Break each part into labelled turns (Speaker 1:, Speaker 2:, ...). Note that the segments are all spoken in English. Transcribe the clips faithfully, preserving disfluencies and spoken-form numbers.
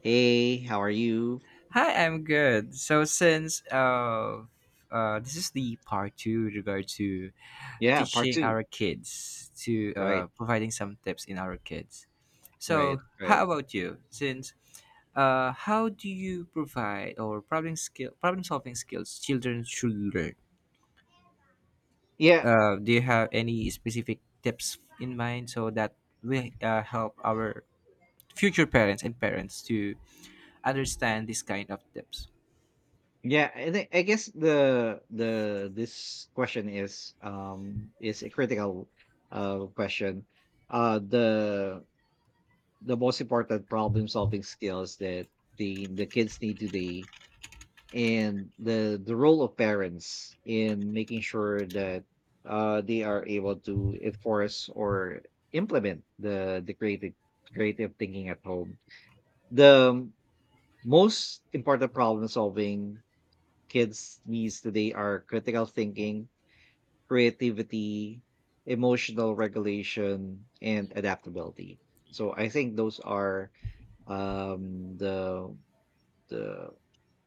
Speaker 1: Hey, how are you?
Speaker 2: Hi, I'm good. So since uh, uh, this is the part two with regard to
Speaker 1: Yeah, part
Speaker 2: teaching
Speaker 1: two.
Speaker 2: our kids to uh,
Speaker 1: Right,
Speaker 2: providing some tips in our kids.
Speaker 1: right,
Speaker 2: So how
Speaker 1: right.
Speaker 2: about you? Since uh, How do you provide or problem skill problem solving skills children should learn?
Speaker 1: Yeah,
Speaker 2: Uh, do you have any specific tips in mind so that we uh, help our future parents and parents to understand this kind of tips?
Speaker 1: yeah, I think I guess the the this question is um is a critical uh question. Uh the the most important problem solving skills that the the kids need today and the the role of parents in making sure that uh they are able to enforce or implement the the creative creative thinking at home. The most important problem solving kids needs today are critical thinking, creativity, emotional regulation, and adaptability. So I think those are um, the the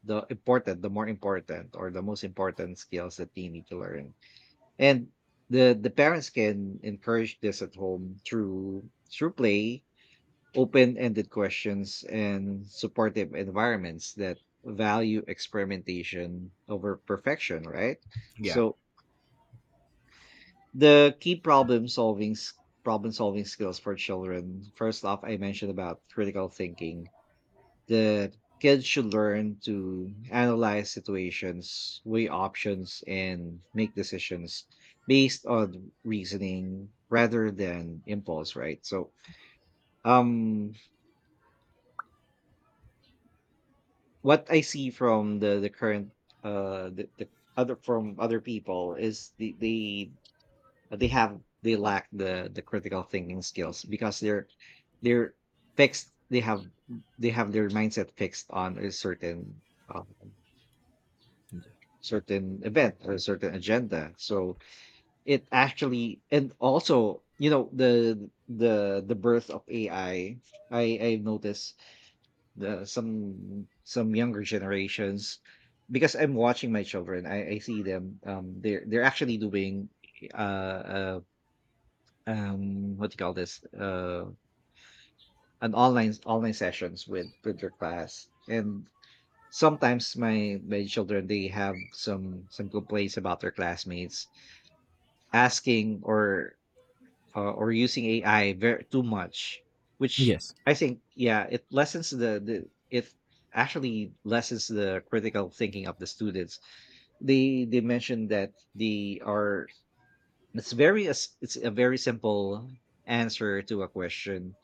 Speaker 1: the important, the more important, or the most important skills that they need to learn. And the the parents can encourage this at home through through play, open-ended questions, and supportive environments that value experimentation over perfection, right?
Speaker 2: Yeah.
Speaker 1: So the key problem solving s- problem solving skills for children, first off, I mentioned about critical thinking. The kids should learn to analyze situations, weigh options, and make decisions based on reasoning rather than impulse, right? So um what I see from the the current uh the, the other from other people is the they they have they lack the the critical thinking skills because they're they're fixed. They have they have their mindset fixed on a certain um, certain event or a certain agenda. So it actually, and also, you know, the the the birth of AI, i i I noticed the some some younger generations, because I'm watching my children. I, I see them. Um, they're they're actually doing uh, uh um what do you call this, uh an online online sessions with with their class. And sometimes my my children, they have some some complaints about their classmates asking or uh, or using A I very too much, which,
Speaker 2: Yes.
Speaker 1: I think, yeah, it lessens the the it actually lessens the critical thinking of the students. They they mentioned that they are it's very, as it's a very simple answer to a question,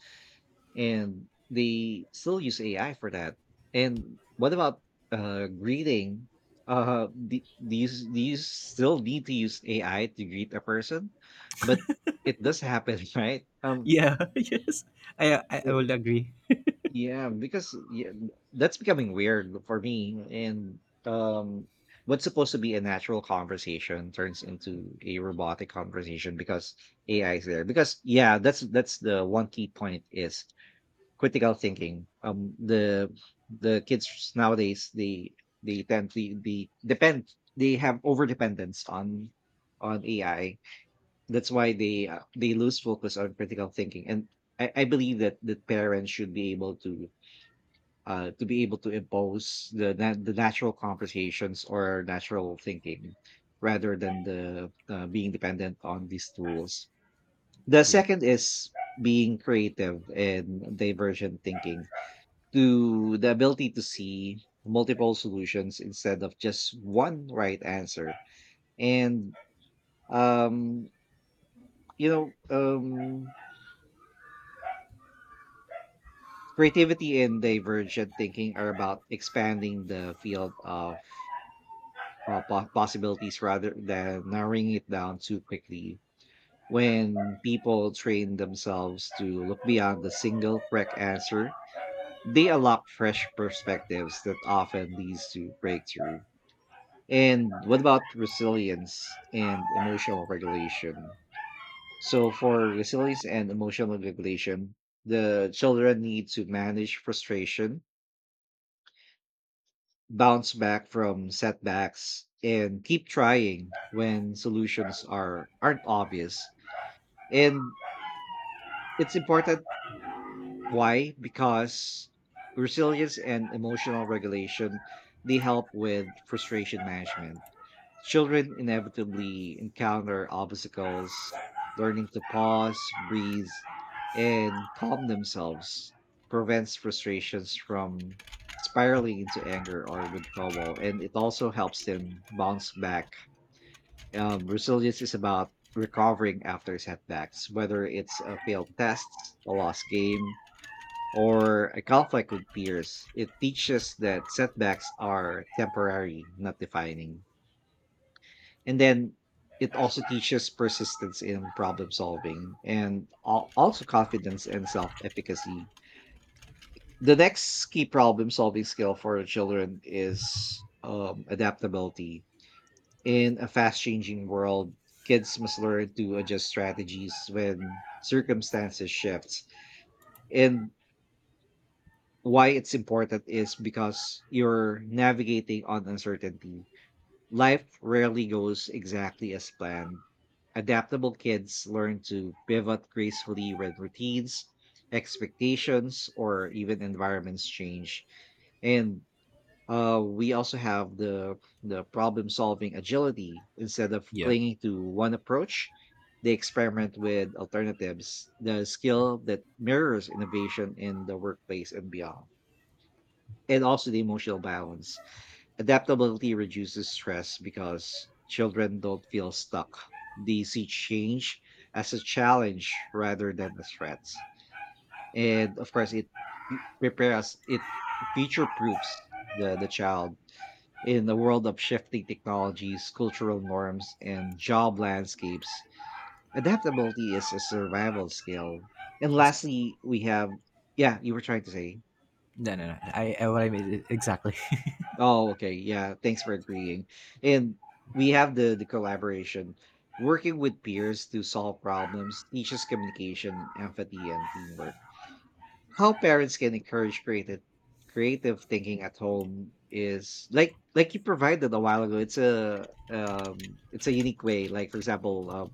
Speaker 1: and they still use A I for that. And what about uh greeting? Uh, do, do you do you still need to use A I to greet a person? But it does happen, right? Um,
Speaker 2: Yeah, yes, I, I
Speaker 1: Uh,
Speaker 2: I will agree.
Speaker 1: Yeah, because, yeah, that's becoming weird for me. And um, what's supposed to be a natural conversation turns into a robotic conversation because A I is there. Because, yeah, that's that's the one key point is critical thinking. Um, the the kids nowadays, they they tend to be depend they have over dependence on on A I. That's why they uh, they lose focus on critical thinking. And I, I believe that the parents should be able to uh, to be able to impose the na- the natural conversations or natural thinking rather than the uh, being dependent on these tools. The
Speaker 2: Yeah,
Speaker 1: second is being creative and divergent thinking, to the ability to see multiple solutions instead of just one right answer. And um you know um creativity and divergent thinking are about expanding the field of uh, po- possibilities rather than narrowing it down too quickly. When people train themselves to look beyond the single correct answer, they unlock fresh perspectives that often leads to breakthrough. And what about resilience and emotional regulation? So, for resilience and emotional regulation, the children need to manage frustration, bounce back from setbacks, and keep trying when solutions are aren't obvious. And it's important. Why? Because resilience and emotional regulation, they help with frustration management. Children inevitably encounter obstacles. Learning to pause, breathe, and calm themselves prevents frustrations from spiraling into anger or withdrawal. And it also helps them bounce back. Um, resilience is about recovering after setbacks, whether it's a failed test, a lost game, or a conflict with peers. It teaches that setbacks are temporary, not defining. And then it also teaches persistence in problem solving, and al- also confidence and self efficacy. The next key problem solving skill for children is um, adaptability. In a fast changing world, kids must learn to adjust strategies when circumstances shift. And why it's important is because you're navigating on uncertainty. Life rarely goes exactly as planned. Adaptable kids learn to pivot gracefully when routines, expectations, or even environments change. And uh, we also have the the problem solving agility. Instead of
Speaker 2: yeah,
Speaker 1: clinging to one approach, they experiment with alternatives, the skill that mirrors innovation in the workplace and beyond. And also the emotional balance. Adaptability reduces stress because children don't feel stuck. They see change as a challenge rather than a threat. And of course, it pre- prepares, it future proofs the, the child in the world of shifting technologies, cultural norms, and job landscapes. Adaptability is a survival skill. And
Speaker 2: exactly.
Speaker 1: lastly, we have, yeah, you were trying to say.
Speaker 2: No, no, no. I, I What I mean is exactly.
Speaker 1: Oh, okay. Yeah, thanks for agreeing. And we have the the collaboration. Working with peers to solve problems teaches communication, empathy, and teamwork. How parents can encourage creative creative thinking at home is like like you provided a while ago. It's a um it's a unique way. Like, for example, uh,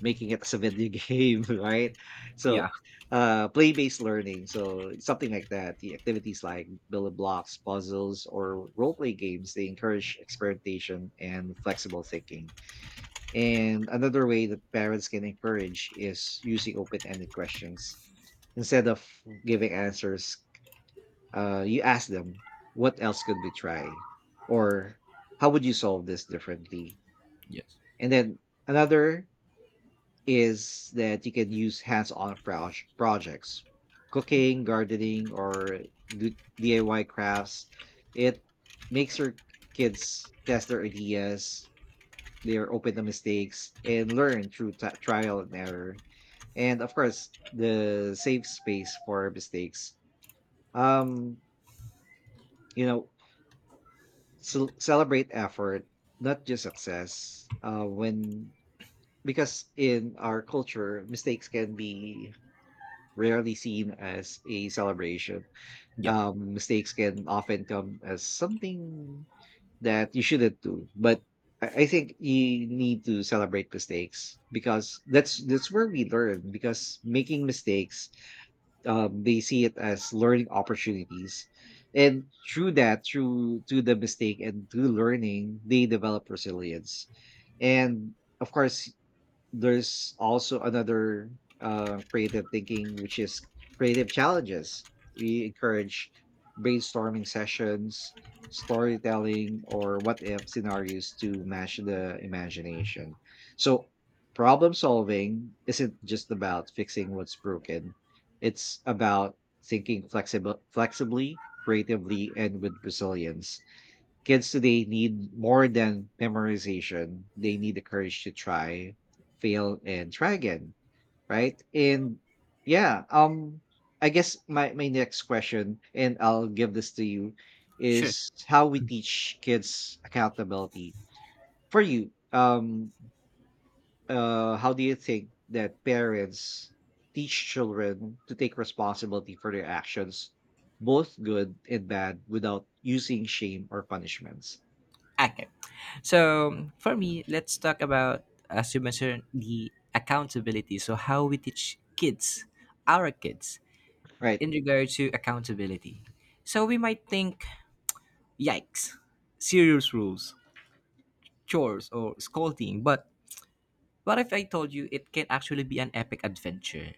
Speaker 1: making it as a video game, right? So,
Speaker 2: Yeah.
Speaker 1: uh, play-based learning, so something like that. The activities like building blocks, puzzles, or role-play games, they encourage experimentation and flexible thinking. And another way that parents can encourage is using open-ended questions. Instead of giving answers, uh, you ask them, what else could we try? Or how would you solve this differently?
Speaker 2: Yes.
Speaker 1: And then another is that you can use hands-on proj- projects, cooking, gardening, or do D I Y crafts. It makes your kids test their ideas, they're open to mistakes, and learn through t- trial and error. And of course, the safe space for mistakes. Um, you know, cel- Celebrate effort, not just success. Uh, when Because in our culture, mistakes can be rarely seen as a celebration.
Speaker 2: Yeah.
Speaker 1: Um, mistakes can often come as something that you shouldn't do, but I I think you need to celebrate mistakes because that's that's where we learn. Because making mistakes, um, they see it as learning opportunities, and through that, through to the mistake and through learning, they develop resilience. And of course, there's also another uh, creative thinking, which is creative challenges. We encourage brainstorming sessions, storytelling, or what if scenarios to match the imagination. So, problem solving isn't just about fixing what's broken, it's about thinking flexible, flexibly, creatively, and with resilience. Kids today need more than memorization. They need the courage to try, fail, and try again. Right. And, yeah, um, I guess my, my next question, and I'll give this to you,
Speaker 2: Sure.
Speaker 1: is how we teach kids accountability. For you, um, uh, how do you think that parents teach children to take responsibility for their actions, both good and bad, without using shame or punishments,
Speaker 2: Okay. So for me, let's talk about, as you mentioned, the accountability. So how we teach kids, our kids,
Speaker 1: right?
Speaker 2: in regard to accountability. So we might think, yikes, serious rules, chores, or scolding, but what if I told you it can actually be an epic adventure?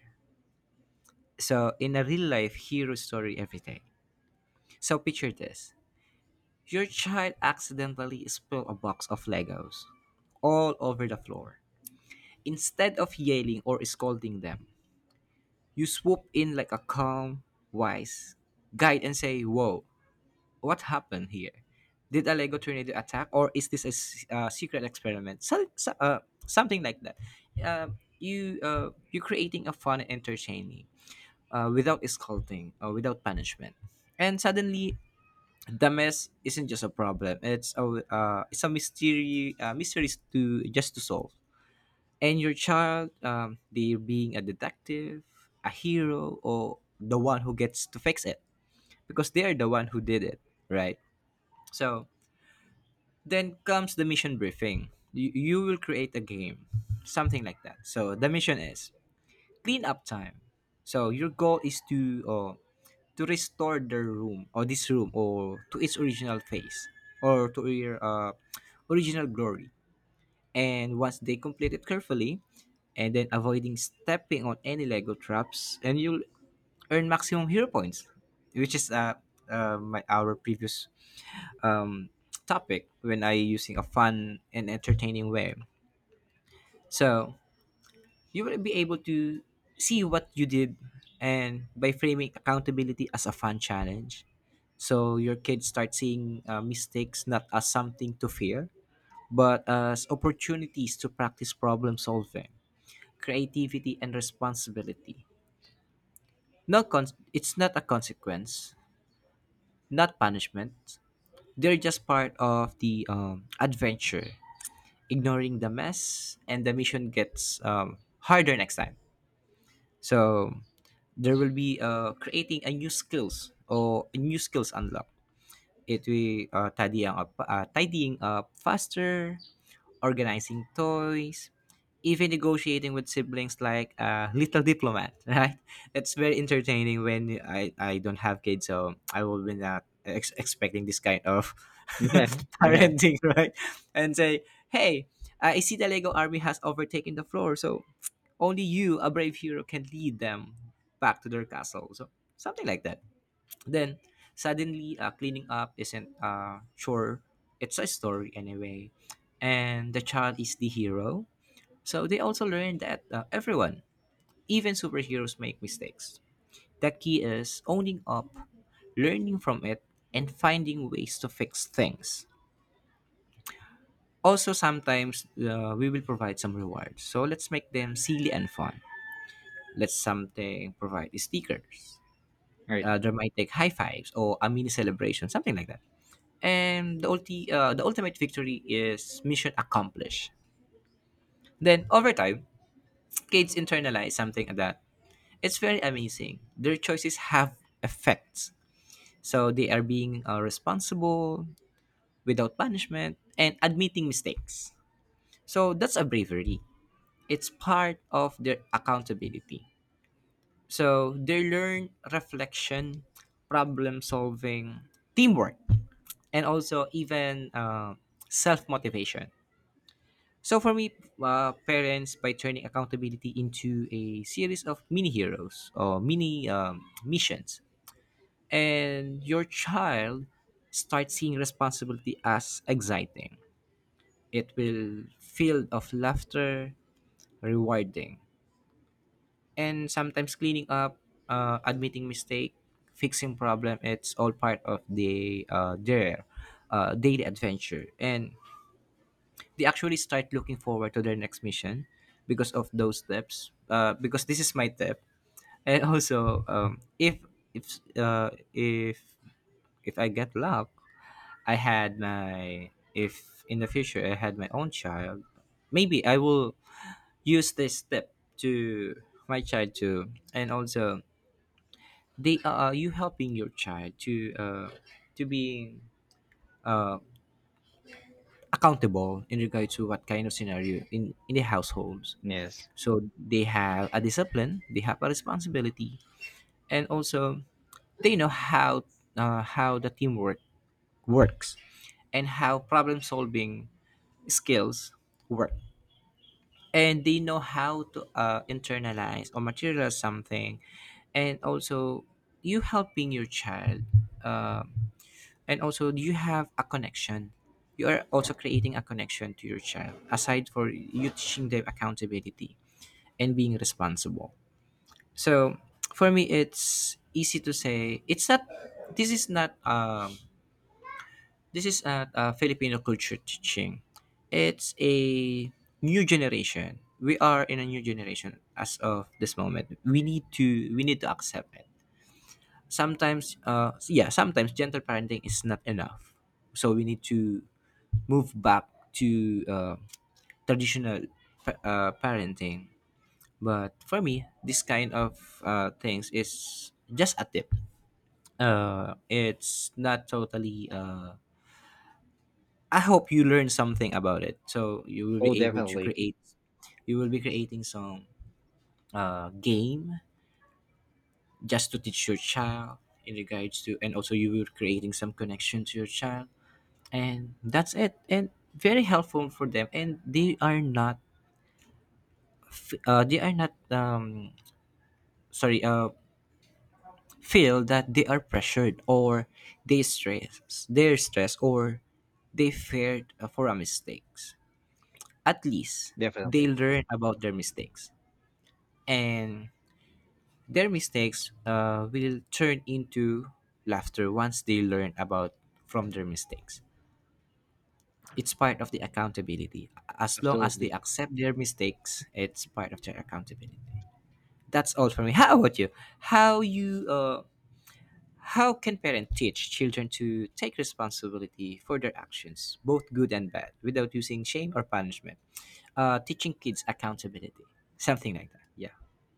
Speaker 2: So, in a real life hero story every day. So, picture this: your child accidentally spilled a box of Legos all over the floor. Instead of yelling or scolding them, you swoop in like a calm, wise guide and say, "Whoa, what happened here? Did a Lego tornado attack, or is this a s- uh, secret experiment?" So, so- uh, something like that. Um you uh, you're creating a fun and entertaining, uh, without scolding or without punishment. And suddenly, the mess isn't just a problem; it's a, uh, it's a mystery, uh, mysteries to just to solve. And your child, um, they're being a detective, a hero, or the one who gets to fix it because they are the one who did it, right? So then comes the mission briefing. You, you will create a game, something like that. So the mission is cleanup time. So your goal is to, uh, to restore the room or this room or to its original face or to your, uh, original glory. And once they complete it carefully, and then avoiding stepping on any Lego traps, and you'll earn maximum hero points, which is uh, uh my our previous um topic when I using a fun and entertaining way. So you will be able to see what you did, and by framing accountability as a fun challenge, so your kids start seeing uh, mistakes not as something to fear but as opportunities to practice problem solving, creativity, and responsibility. Not con- It's not a consequence, not punishment, they're just part of the um, adventure. Ignoring the mess and the mission gets um, harder next time. So there will be, uh, creating a new skills or new skills unlock. It we uh, Tidying up, uh, tidying up faster, organizing toys, even negotiating with siblings like a little diplomat, right? That's very entertaining. When I, I don't have kids, so I will be not ex- expecting this kind of
Speaker 1: Yeah, yeah,
Speaker 2: parenting, right? And say, hey, I see the Lego army has overtaken the floor, so only you, a brave hero, can lead them back to their castle. So something like that. Then suddenly, uh, cleaning up isn't a chore; it's a story anyway. And the child is the hero, so they also learn that, uh, everyone, even superheroes, make mistakes. The key is owning up, learning from it, and finding ways to fix things. Also, sometimes uh, we will provide some rewards, so let's make them silly and fun. Let's something provide stickers,
Speaker 1: right.
Speaker 2: uh, dramatic high fives, or a mini celebration, something like that. And the ulti, uh, the ultimate victory is mission accomplished. Then over time, kids internalize something that it's very amazing. Their choices have effects, so they are being, uh, responsible without punishment and admitting mistakes. So that's a bravery. It's part of their accountability. So they learn reflection, problem solving, teamwork, and also even, uh, self motivation. So for me, uh, parents by turning accountability into a series of mini heroes or mini, um, missions, and your child starts seeing responsibility as exciting. It will filled of laughter, rewarding, and sometimes cleaning up, uh, admitting mistake, fixing problem. It's all part of the, uh, their, uh, daily adventure, and they actually start looking forward to their next mission because of those steps, uh, because this is my tip. And also, um, if if uh, if if I get luck, I had my if in the future I had my own child, maybe I will use this step to my child too. And also they, uh, are you helping your child to, uh, to be accountable in regard to what kind of scenario in in the households.
Speaker 1: Yes.
Speaker 2: So they have a discipline, they have a responsibility, and also they know how, uh, how the teamwork works, and how problem solving skills work. And they know how to, uh, internalize or materialize something, and also you helping your child, um, and also you have a connection. You are also creating a connection to your child aside for you teaching them accountability and being responsible. So for me, it's easy to say it's not. This is not. Um, this is not a Filipino culture teaching. It's a new generation. We are in a new generation as of this moment. We need to. We need to accept it. Sometimes, uh, yeah, sometimes gentle parenting is not enough. So we need to move back to, uh, traditional pa- uh, parenting. But for me, this kind of, uh, things is just a tip. Uh, it's not totally. Uh, I hope you learn something about it, so you will be
Speaker 1: Oh,
Speaker 2: able to
Speaker 1: definitely,
Speaker 2: create. You will be creating some, uh, game just to teach your child in regards to, and also you will creating some connection to your child, and that's it. And very helpful for them, and they are not. Uh, they are not. Um, sorry. Uh, feel that they are pressured or they stress they're stressed or they feared, uh, for a mistakes. At least they
Speaker 1: definitely,
Speaker 2: learn about their mistakes, and their mistakes, uh, will turn into laughter once they learn about from their mistakes. It's part of the accountability. As long as
Speaker 1: absolutely.
Speaker 2: they accept their mistakes, it's part of their accountability. That's all for me. How about you? How you, uh, how can parents teach children to take responsibility for their actions, both good and bad, without using shame or punishment? Uh, teaching kids accountability, something like that. Yeah,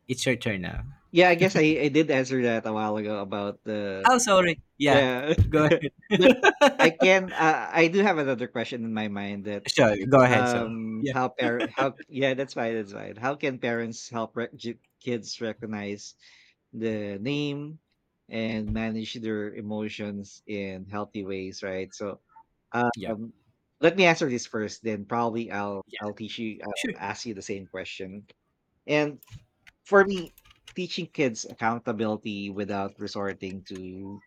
Speaker 2: it's your turn now.
Speaker 1: Yeah, I guess I I did answer that a while ago about the
Speaker 2: Oh, sorry. Yeah,
Speaker 1: Yeah,
Speaker 2: go ahead.
Speaker 1: but I can, uh, I do have another question in my mind. That,
Speaker 2: Sure, go ahead. So
Speaker 1: Um,
Speaker 2: yeah,
Speaker 1: how par how yeah, that's fine, that's fine. How can parents help rec g kids recognize the name and manage their emotions in healthy ways, right? So,
Speaker 2: yeah,
Speaker 1: um, let me answer this first, then probably I'll
Speaker 2: yeah.
Speaker 1: I'll teach you I'll
Speaker 2: Sure.
Speaker 1: ask you the same question. And for me, teaching kids accountability without resorting to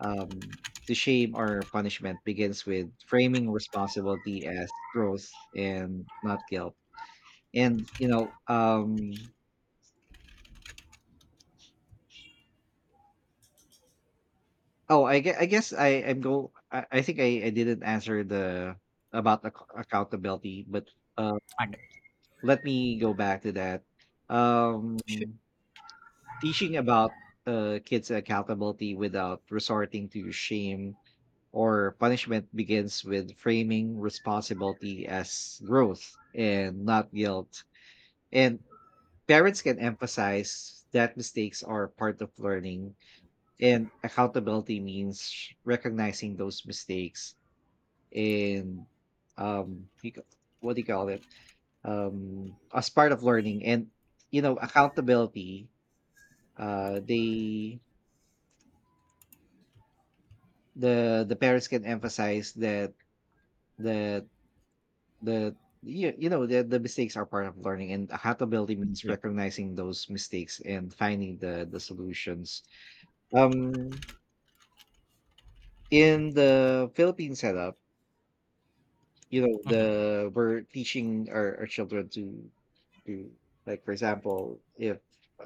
Speaker 1: um, the shame or punishment begins with framing responsibility as growth and not guilt. And, you know, um, oh, I, gue- I guess I am go. I, I think I, I didn't answer the about ac- accountability, but uh,
Speaker 2: Okay.
Speaker 1: let me go back to that.
Speaker 2: Sure.
Speaker 1: Um, Teaching about uh, kids accountability without resorting to shame or punishment begins with framing responsibility as growth and not guilt. And parents can emphasize that mistakes are part of learning, and accountability means recognizing those mistakes. And um you ca- what do you call it um as part of learning, and, you know, accountability, uh they the the parents can emphasize that that the, you, you know, the, the mistakes are part of learning and accountability means
Speaker 2: Yeah.
Speaker 1: recognizing those mistakes and finding the the solutions. um in the philippine setup, you know,
Speaker 2: Hmm.
Speaker 1: the we're teaching our, our children to to like, for example, if,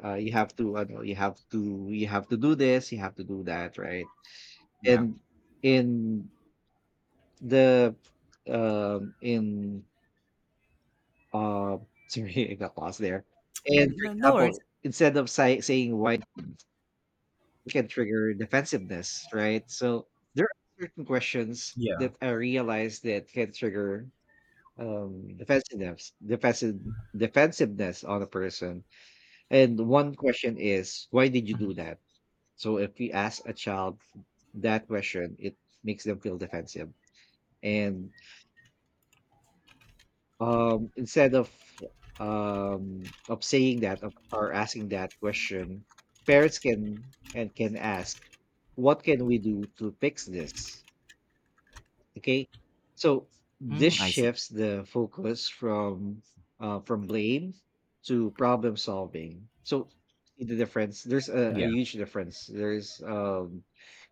Speaker 1: uh, you have to, I know, you have to, you have to do this, you have to do that, right?
Speaker 2: Yeah.
Speaker 1: And in the um in Uh, sorry, I got lost there. And, for
Speaker 2: No, no worries.
Speaker 1: example, instead of say, saying why, it can trigger defensiveness, right? So there are certain questions
Speaker 2: Yeah.
Speaker 1: that I realize that can trigger um defensiveness defensive defensiveness on a person. And one question is, why did you
Speaker 2: Hmm.
Speaker 1: do that? So if we ask a child that question, it makes them feel defensive. And um instead of um of saying that of- or asking that question, parents can and can ask, what can we do to fix this? Okay. So this
Speaker 2: Mm, I see.
Speaker 1: shifts the focus from uh, from blame to problem solving. So see the difference. There's a, a
Speaker 2: Yeah.
Speaker 1: huge difference. There's um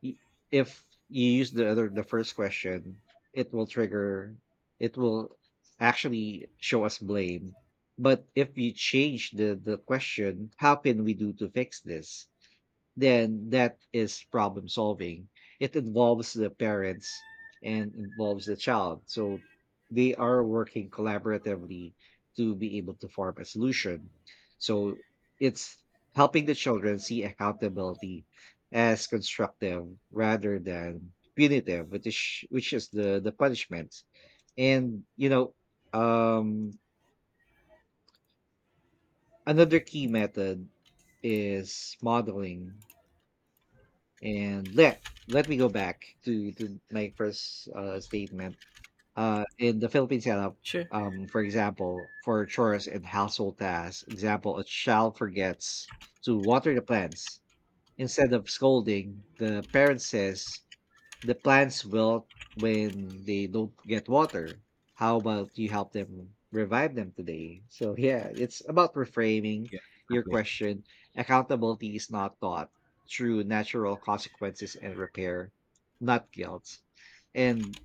Speaker 1: y- if you use the other the first question, it will trigger it will actually show us blame. But if you change the the question, how can we do to fix this? Then that is problem solving. It involves the parents and involves the child. So they are working collaboratively to be able to form a solution. So it's helping the children see accountability as constructive rather than punitive, which is which is the the punishment. And you know, um, another key method is modeling. And let let me go back to to my first uh, statement. Uh, in the Philippine setup,
Speaker 2: Sure.
Speaker 1: um, for example, for chores and household tasks, example, a child forgets to water the plants. Instead of scolding, the parent says, the plants wilt when they don't get water. How about you help them revive them today? So yeah, it's about reframing your
Speaker 2: Exactly.
Speaker 1: question. Accountability is not taught through natural consequences and repair, not guilt. And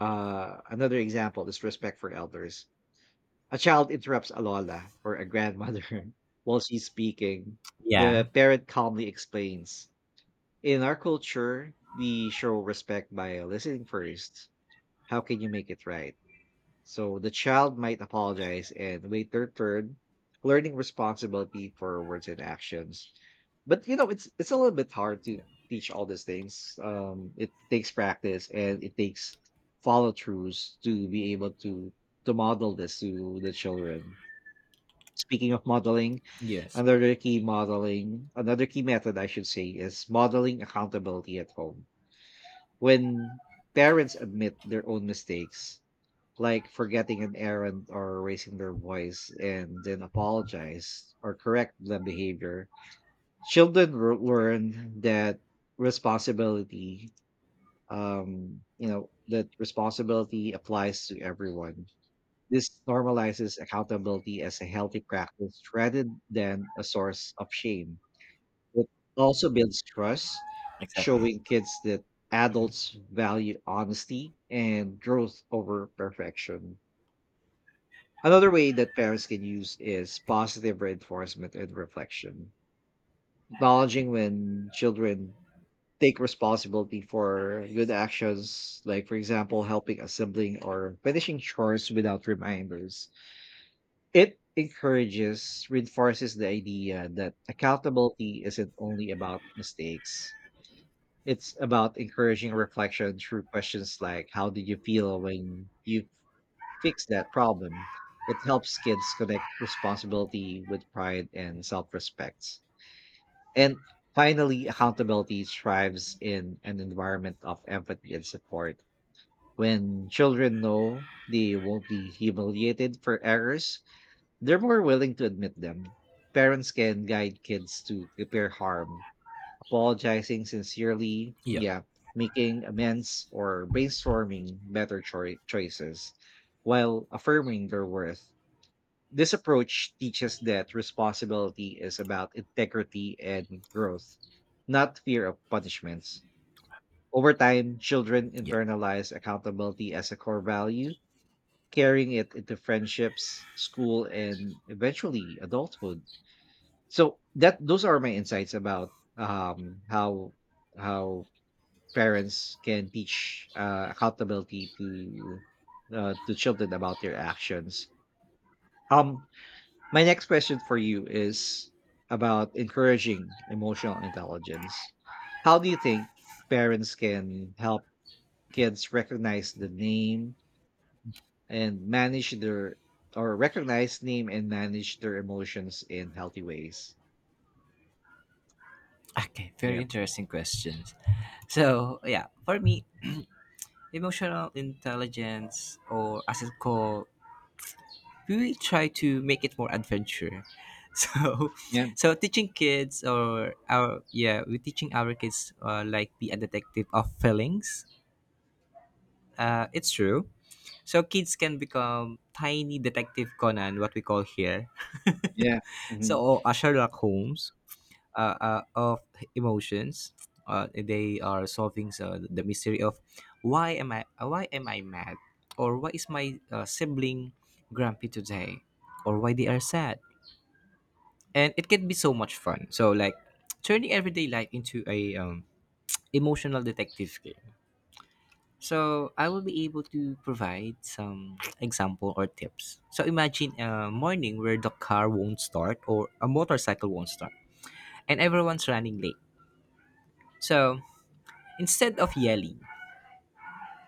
Speaker 1: uh, another example is respect for elders. A child interrupts a lola or a grandmother while she's speaking.
Speaker 2: Yeah.
Speaker 1: The parent calmly explains in our culture, we show respect by listening first. How can you make it right? So the child might apologize and wait their turn, learning responsibility for words and actions. But you know, it's it's a little bit hard to
Speaker 2: Yeah.
Speaker 1: teach all these things. Um, it takes practice and it takes follow throughs to be able to to model this to the children. Speaking of modeling,
Speaker 2: Yes.
Speaker 1: another key modeling, another key method I should say is modeling accountability at home when parents admit their own mistakes, like forgetting an errand or raising their voice and then apologize or correct the behavior, children r- learn that responsibility um you know that responsibility applies to everyone. This normalizes accountability as a healthy practice rather than a source of shame. It also builds trust,
Speaker 2: Exactly.
Speaker 1: showing kids that adults value honesty and growth over perfection. Another way that parents can use is positive reinforcement and reflection. Acknowledging when children take responsibility for good actions, like, for example, helping a sibling or finishing chores without reminders. It encourages, reinforces the idea that accountability isn't only about mistakes. It's about encouraging reflection through questions like how did you feel when you fixed that problem? It helps kids connect responsibility with pride and self respect. And finally, accountability thrives in an environment of empathy and support. When children know they won't be humiliated for errors, they're more willing to admit them. Parents can guide kids to repair harm, apologizing sincerely,
Speaker 2: Yeah.
Speaker 1: yeah, making amends or brainstorming better choi- choices while affirming their worth. This approach teaches that responsibility is about integrity and growth, not fear of punishments. Over time, children
Speaker 2: Yeah.
Speaker 1: internalize accountability as a core value, carrying it into friendships, school, and eventually adulthood. So that those are my insights about um, how how parents can teach uh, accountability to uh, to children about their actions. Um, my next question for you is about encouraging emotional intelligence. How do you think parents can help kids recognize the name and manage their or recognize name and manage their emotions in healthy ways?
Speaker 2: Okay,
Speaker 1: Yeah,
Speaker 2: very interesting questions. So, yeah, for me, emotional intelligence, or as it's called, we really try to make it more adventure. So,
Speaker 1: yeah,
Speaker 2: so teaching kids or our, yeah, we're teaching our kids, uh, like be a detective of feelings. Uh, it's true. So kids can become tiny detective Conan, what we call here.
Speaker 1: yeah. Hmm.
Speaker 2: So, or a Sherlock Holmes, uh, uh, of emotions. Uh, they are solving, uh, the mystery of why am I uh, why am I mad, or why is my, uh, sibling grumpy today, or why they are sad. And it can be so much fun. So like turning everyday life into a, um, emotional detective game. So I will be able to provide some example or tips. So imagine a morning where the car won't start or a motorcycle won't start and everyone's running late. So instead of yelling,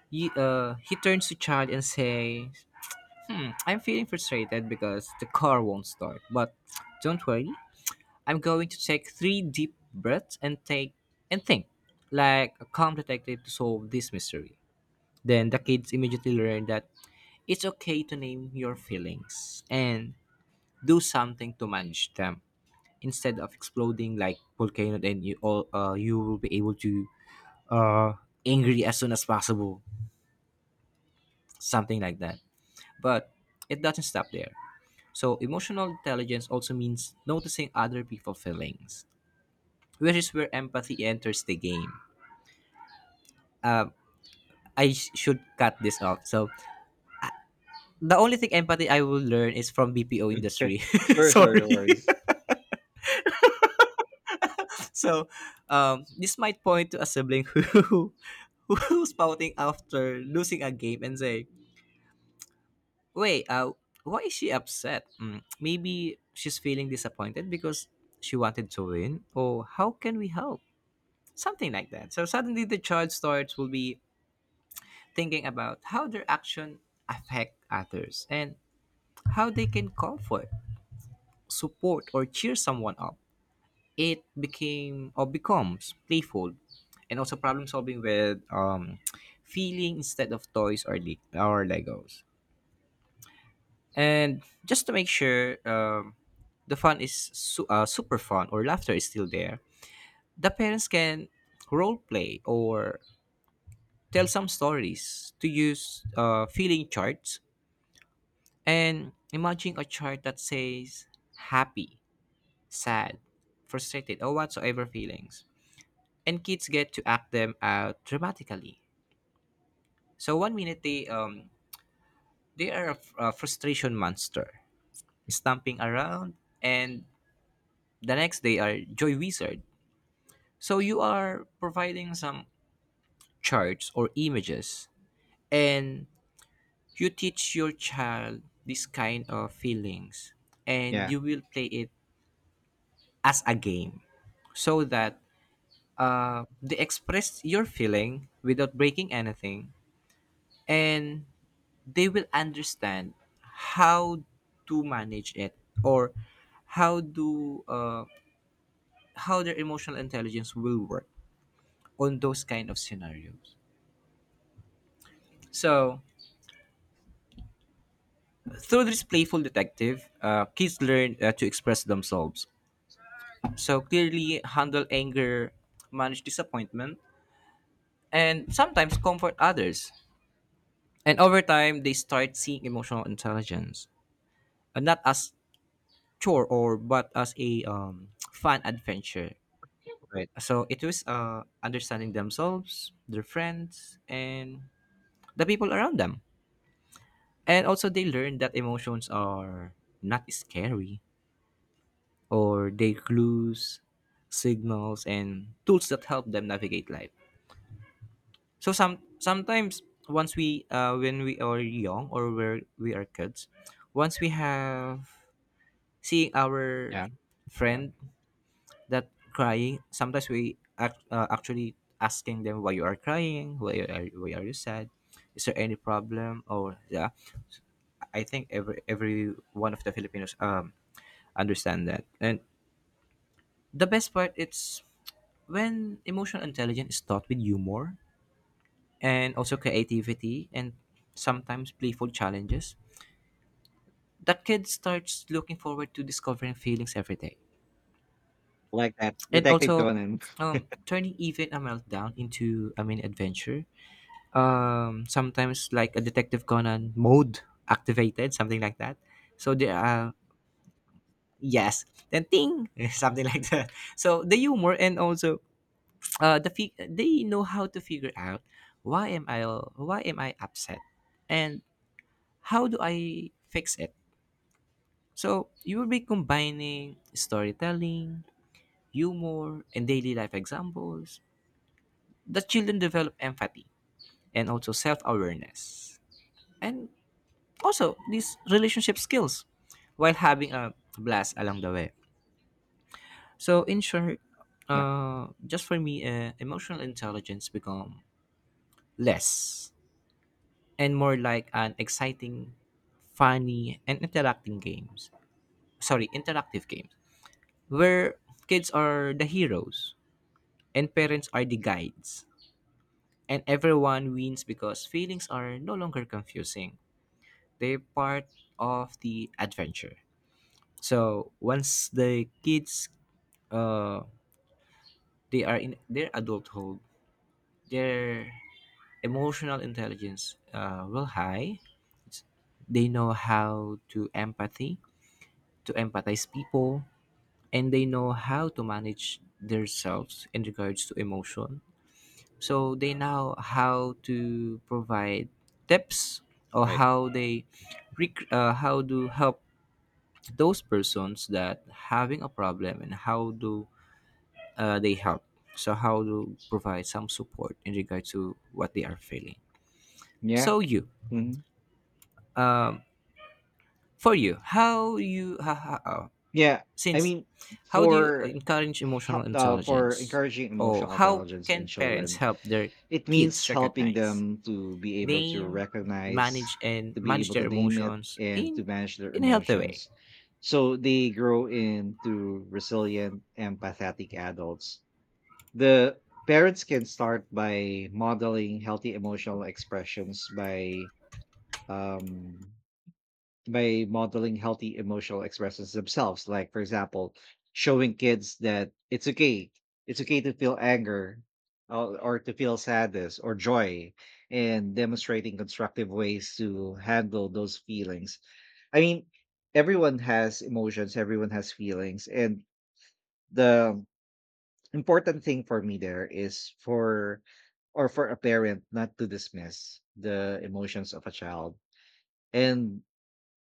Speaker 2: he, uh, he turns to Chad and says, hmm, I'm feeling frustrated because the car won't start. But don't worry, I'm going to take three deep breaths and take and think like a calm detective to solve this mystery. Then the kids immediately learn that it's okay to name your feelings and do something to manage them instead of exploding like volcano. Then you all, uh, you will be able to, uh angry as soon as possible, something like that. But it doesn't stop there. So, emotional intelligence also means noticing other people's feelings, which is where empathy enters the game. Um, I sh- should cut this off. So, the only thing empathy I will learn is from B P O industry.
Speaker 1: Sure, sure, no
Speaker 2: Sorry.
Speaker 1: worries.
Speaker 2: So, um, this might point to a sibling who who's spouting after losing a game and say, "Wait, uh, why is she upset? Mm, maybe she's feeling disappointed because she wanted to win. Or how can we help?" Something like that. So suddenly the child starts will be thinking about how their action affect others and how they can comfort, support, or cheer someone up. It became or becomes playful, and also problem solving with, um, feeling instead of toys or le- or Legos. And just to make sure, um, the fun is su- uh, super fun or laughter is still there, the parents can role play or tell some stories to use, uh, feeling charts, and imagine a chart that says happy, sad, frustrated, or whatsoever feelings. And kids get to act them out dramatically. So one minute they um they are a, f- a frustration monster, stomping around, and the next they are joy wizard. So you are providing some charts or images, and you teach your child this kind of feelings and
Speaker 1: Yeah,
Speaker 2: you will play it as a game so that uh, they express your feeling without breaking anything and they will understand how to manage it or how do uh, how their emotional intelligence will work on those kind of scenarios. So through this playful detective, uh, kids learn uh, to express themselves so clearly, handle anger, manage disappointment, and sometimes comfort others. And over time, they start seeing emotional intelligence, and not as chore or but as a um, fun adventure.
Speaker 1: right.
Speaker 2: So it was, uh, understanding themselves, their friends, and the people around them. And also, they learn that emotions are not scary, or they clues, signals, and tools that help them navigate life. So some sometimes once we uh when we are young or where we are kids, once we have seeing our
Speaker 1: Yeah, yeah.
Speaker 2: friend that crying, sometimes we act, uh, actually asking them why you are crying, why are why are you sad, is there any problem or yeah. I think every every one of the Filipinos um understand that. And the best part it's when emotional intelligence is taught with humor and also creativity and sometimes playful challenges that kid starts looking forward to discovering feelings every day,
Speaker 1: Like that,
Speaker 2: and
Speaker 1: Detective
Speaker 2: also,
Speaker 1: Conan.
Speaker 2: um, turning even a meltdown into a mini adventure, um, sometimes like a detective conan mode activated, something like that. So the uh, yes, then ting something like that. So the humor and also, uh, the fi- they know how to figure out why am I, why am I upset, and how do I fix it. So you will be combining storytelling, humor, and daily life examples, the children develop empathy and also self awareness. And also these relationship skills while having a blast along the way. So, in short,
Speaker 1: Yeah,
Speaker 2: uh, just for me, uh, emotional intelligence become less and more like an exciting, funny, and interacting games. Sorry, interactive games where kids are the heroes and parents are the guides. And everyone wins because feelings are no longer confusing. They're part of the adventure. So once the kids, uh they are in their adulthood, their emotional intelligence uh will high. It's- They know how to empathy, to empathize people, and they know how to manage themselves in regards to emotion, so they know how to provide tips or
Speaker 1: right.
Speaker 2: how they rec- uh, how to help those persons that having a problem and how do uh, they help. So how to provide some support in regard to what they are feeling.
Speaker 1: Yeah,
Speaker 2: So you,
Speaker 1: mhm.
Speaker 2: um, for you how you ha, ha, uh,
Speaker 1: Yeah, I
Speaker 2: since
Speaker 1: mean,
Speaker 2: how do you
Speaker 1: for
Speaker 2: encourage emotional
Speaker 1: hel uh, for
Speaker 2: intelligence
Speaker 1: encouraging
Speaker 2: or
Speaker 1: emotional
Speaker 2: how
Speaker 1: intelligence in
Speaker 2: can parents
Speaker 1: children,
Speaker 2: help their
Speaker 1: it means
Speaker 2: kids
Speaker 1: helping
Speaker 2: recognize,
Speaker 1: them to be able to
Speaker 2: they
Speaker 1: recognize,
Speaker 2: manage and
Speaker 1: to be
Speaker 2: manage
Speaker 1: able to
Speaker 2: their
Speaker 1: name it,
Speaker 2: emotions
Speaker 1: and to
Speaker 2: in
Speaker 1: manage their
Speaker 2: in a healthy way.
Speaker 1: emotions. So they grow into resilient, empathetic adults. The parents can start by modeling healthy emotional expressions by um by modeling healthy emotional expressions themselves. Like, for example, showing kids that it's okay, it's okay to feel anger or, or to feel sadness or joy, and demonstrating constructive ways to handle those feelings. I mean, everyone has emotions, everyone has feelings, and the important thing for me there is for or for a parent not to dismiss the emotions of a child. And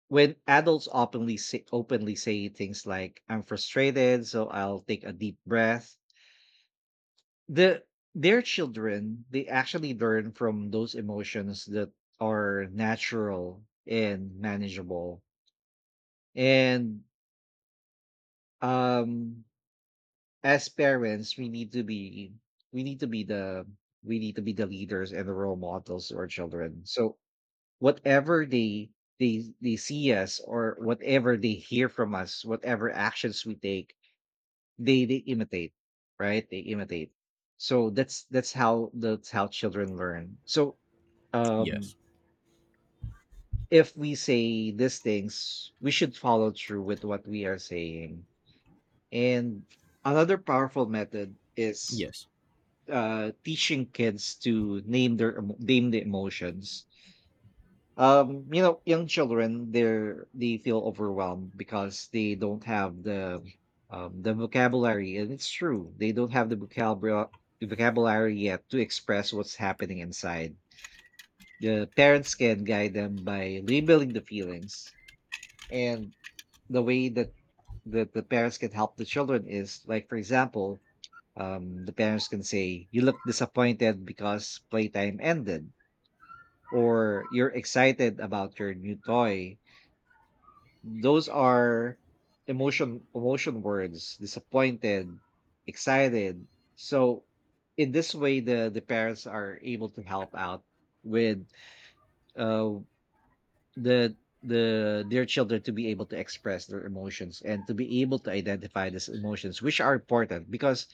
Speaker 1: when adults openly say openly say things like I'm frustrated, so I'll take a deep breath, the their children they actually learn from those emotions that are natural and manageable. And um as parents we need to be we need to be the we need to be the leaders and the role models to our children. So whatever they they they see us or whatever they hear from us, whatever actions we take, they they imitate, right? They imitate. So that's that's how that's how children learn. So um
Speaker 2: Yes.
Speaker 1: if we say these things we should follow through with what we are saying. And another powerful method is
Speaker 2: Yes.
Speaker 1: uh teaching kids to name their emo- name the emotions. Um, you know, young children, they're they feel overwhelmed because they don't have the um the vocabulary, and it's true. They don't have the vocabulary the vocabulary yet to express what's happening inside. The parents can guide them by labeling the feelings, and the way that that the parents can help the children is like, for example, um, the parents can say, "You look disappointed because playtime ended," or "You're excited about your new toy." Those are emotion emotion words, disappointed, excited. So in this way the the parents are able to help out with uh the the their children to be able to express their emotions and to be able to identify these emotions which are important because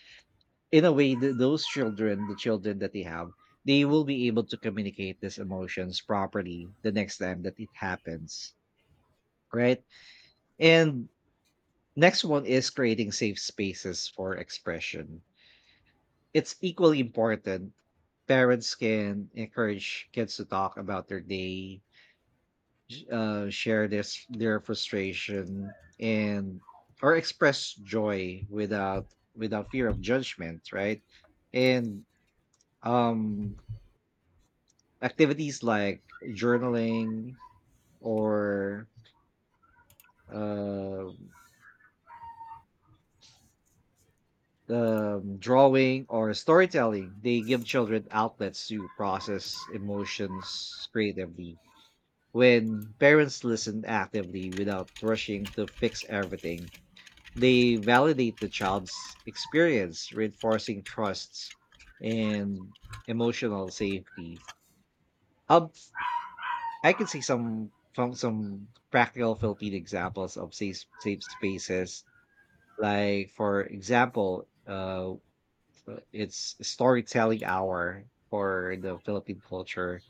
Speaker 1: in a way the, those children the children that they have, they will be able to communicate these emotions properly the next time that it happens, right? And next one is creating safe spaces for expression. It's equally important. Parents can encourage kids to talk about their day, sh- uh, share this their frustration, and or express joy without without fear of judgment, right? And um, activities like journaling or uh, um, drawing or storytelling, they give children outlets to process emotions creatively. When parents listen actively without rushing to fix everything, they validate the child's experience, reinforcing trusts and emotional safety. Um, I can see some from some practical Philippine examples of safe safe spaces. Like for example, uh, uh, it's storytelling hour for the Philippine culture.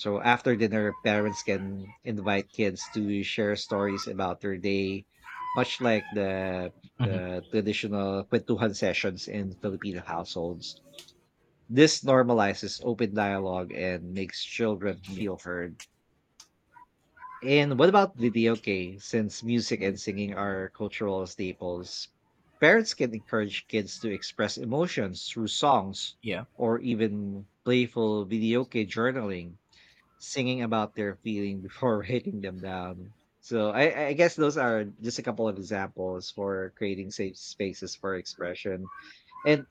Speaker 1: So after dinner, parents can invite kids to share stories about their day, much like the
Speaker 2: Mhm.
Speaker 1: the traditional kwentuhan sessions in Filipino households. This normalizes open dialogue and makes children
Speaker 2: Yeah.
Speaker 1: feel heard. And what about video games? Since music and singing are cultural staples, parents can encourage kids to express emotions through songs
Speaker 2: Yeah.
Speaker 1: or even playful video game journaling, singing about their feeling before writing them down. So I, I guess those are just a couple of examples for creating safe spaces for expression. And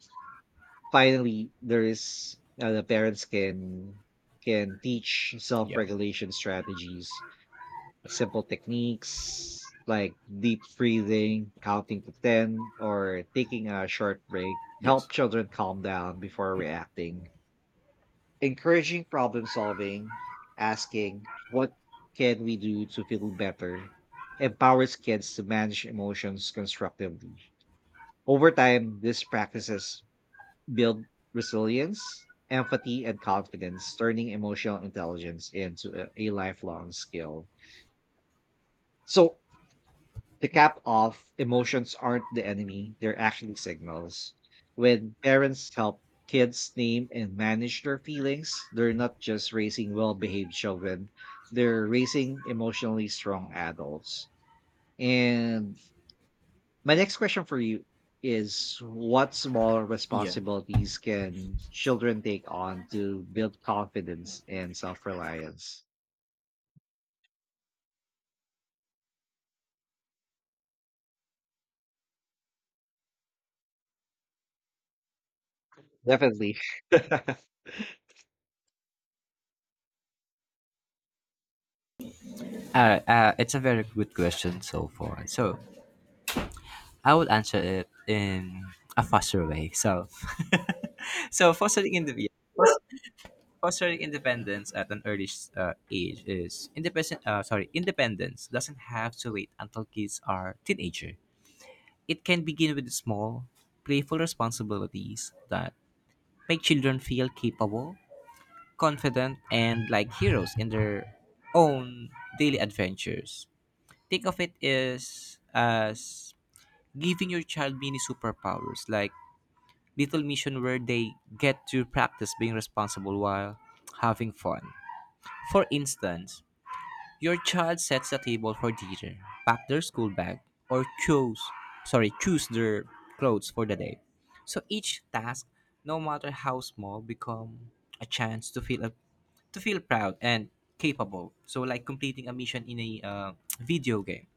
Speaker 1: finally, there is uh, the parents can can teach
Speaker 2: Yeah.
Speaker 1: self-regulation strategies. Simple techniques like deep breathing, counting to ten, or taking a short break help
Speaker 2: Yes.
Speaker 1: children calm down before reacting. Encouraging problem solving, asking, what can we do to feel better? Empowers kids to manage emotions constructively. Over time, these practices build resilience, empathy, and confidence, turning emotional intelligence into a, a lifelong skill. So, to cap off, emotions aren't the enemy, they're actually signals. When parents help kids name and manage their feelings, they're not just raising well behaved children, they're raising emotionally strong adults. And my next question for you is what small
Speaker 2: Yeah.
Speaker 1: responsibilities can children take on to build confidence and self reliance? Definitely.
Speaker 2: Uh, uh, it's a very good question so far. So I will answer it in a faster way. So, so fostering indiv- fostering independence at an early uh, age is independent. Uh, sorry, independence doesn't have to wait until kids are teenager. It can begin with small, playful responsibilities that make children feel capable, confident, and like heroes in their own daily adventures. Think of it as as giving your child mini superpowers, like little mission where they get to practice being responsible while having fun. For instance, your child sets the table for dinner, pack their school bag, or choose, sorry, choose their clothes for the day. So each task, no matter how small, become a chance to feel a, to feel proud and capable. So like completing a mission in a, uh, video game.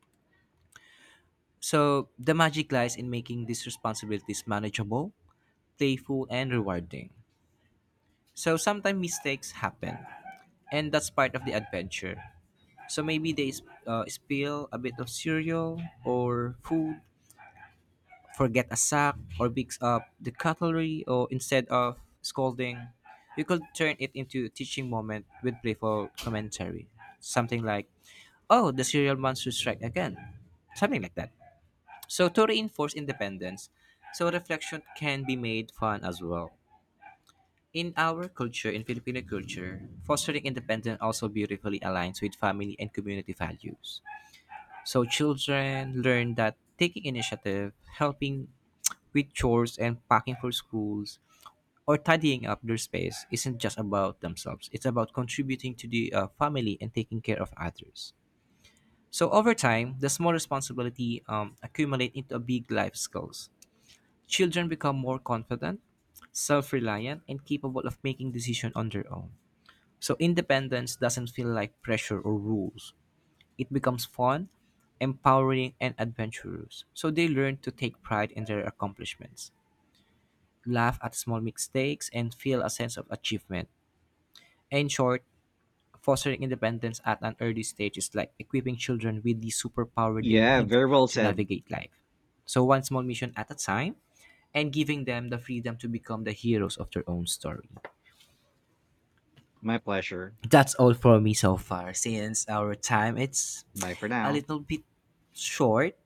Speaker 2: So the magic lies in making these responsibilities manageable, playful, and rewarding. So sometimes mistakes happen, and that's part of the adventure. So maybe they s- uh, spill a bit of cereal or food, forget a sack, or picks up the cutlery, or instead of scolding, you could turn it into a teaching moment with playful commentary. Something like, oh, the cereal monster strike again. Something like that. So to reinforce independence, so reflection can be made fun as well. In our culture, in Filipino culture, fostering independence also beautifully aligns with family and community values. So children learn that taking initiative, helping with chores and packing for schools, or tidying up their space isn't just about themselves. It's about contributing to the, uh, family and taking care of others. So over time, the small responsibility um, accumulate into a big life skills. Children become more confident, self-reliant, and capable of making decisions on their own. So independence doesn't feel like pressure or rules. It becomes fun, empowering, and adventurous. So they learn to take pride in their accomplishments, laugh at small mistakes, and feel a sense of achievement. In short, fostering independence at an early stage is like equipping children with the superpower they
Speaker 1: Yeah,
Speaker 2: need
Speaker 1: very well
Speaker 2: to
Speaker 1: said.
Speaker 2: navigate life. So, one small mission at a time, and giving them the freedom to become the heroes of their own story.
Speaker 1: My pleasure.
Speaker 2: That's all for me so far, since our time it's
Speaker 1: Bye for
Speaker 2: a
Speaker 1: now.
Speaker 2: little bit short,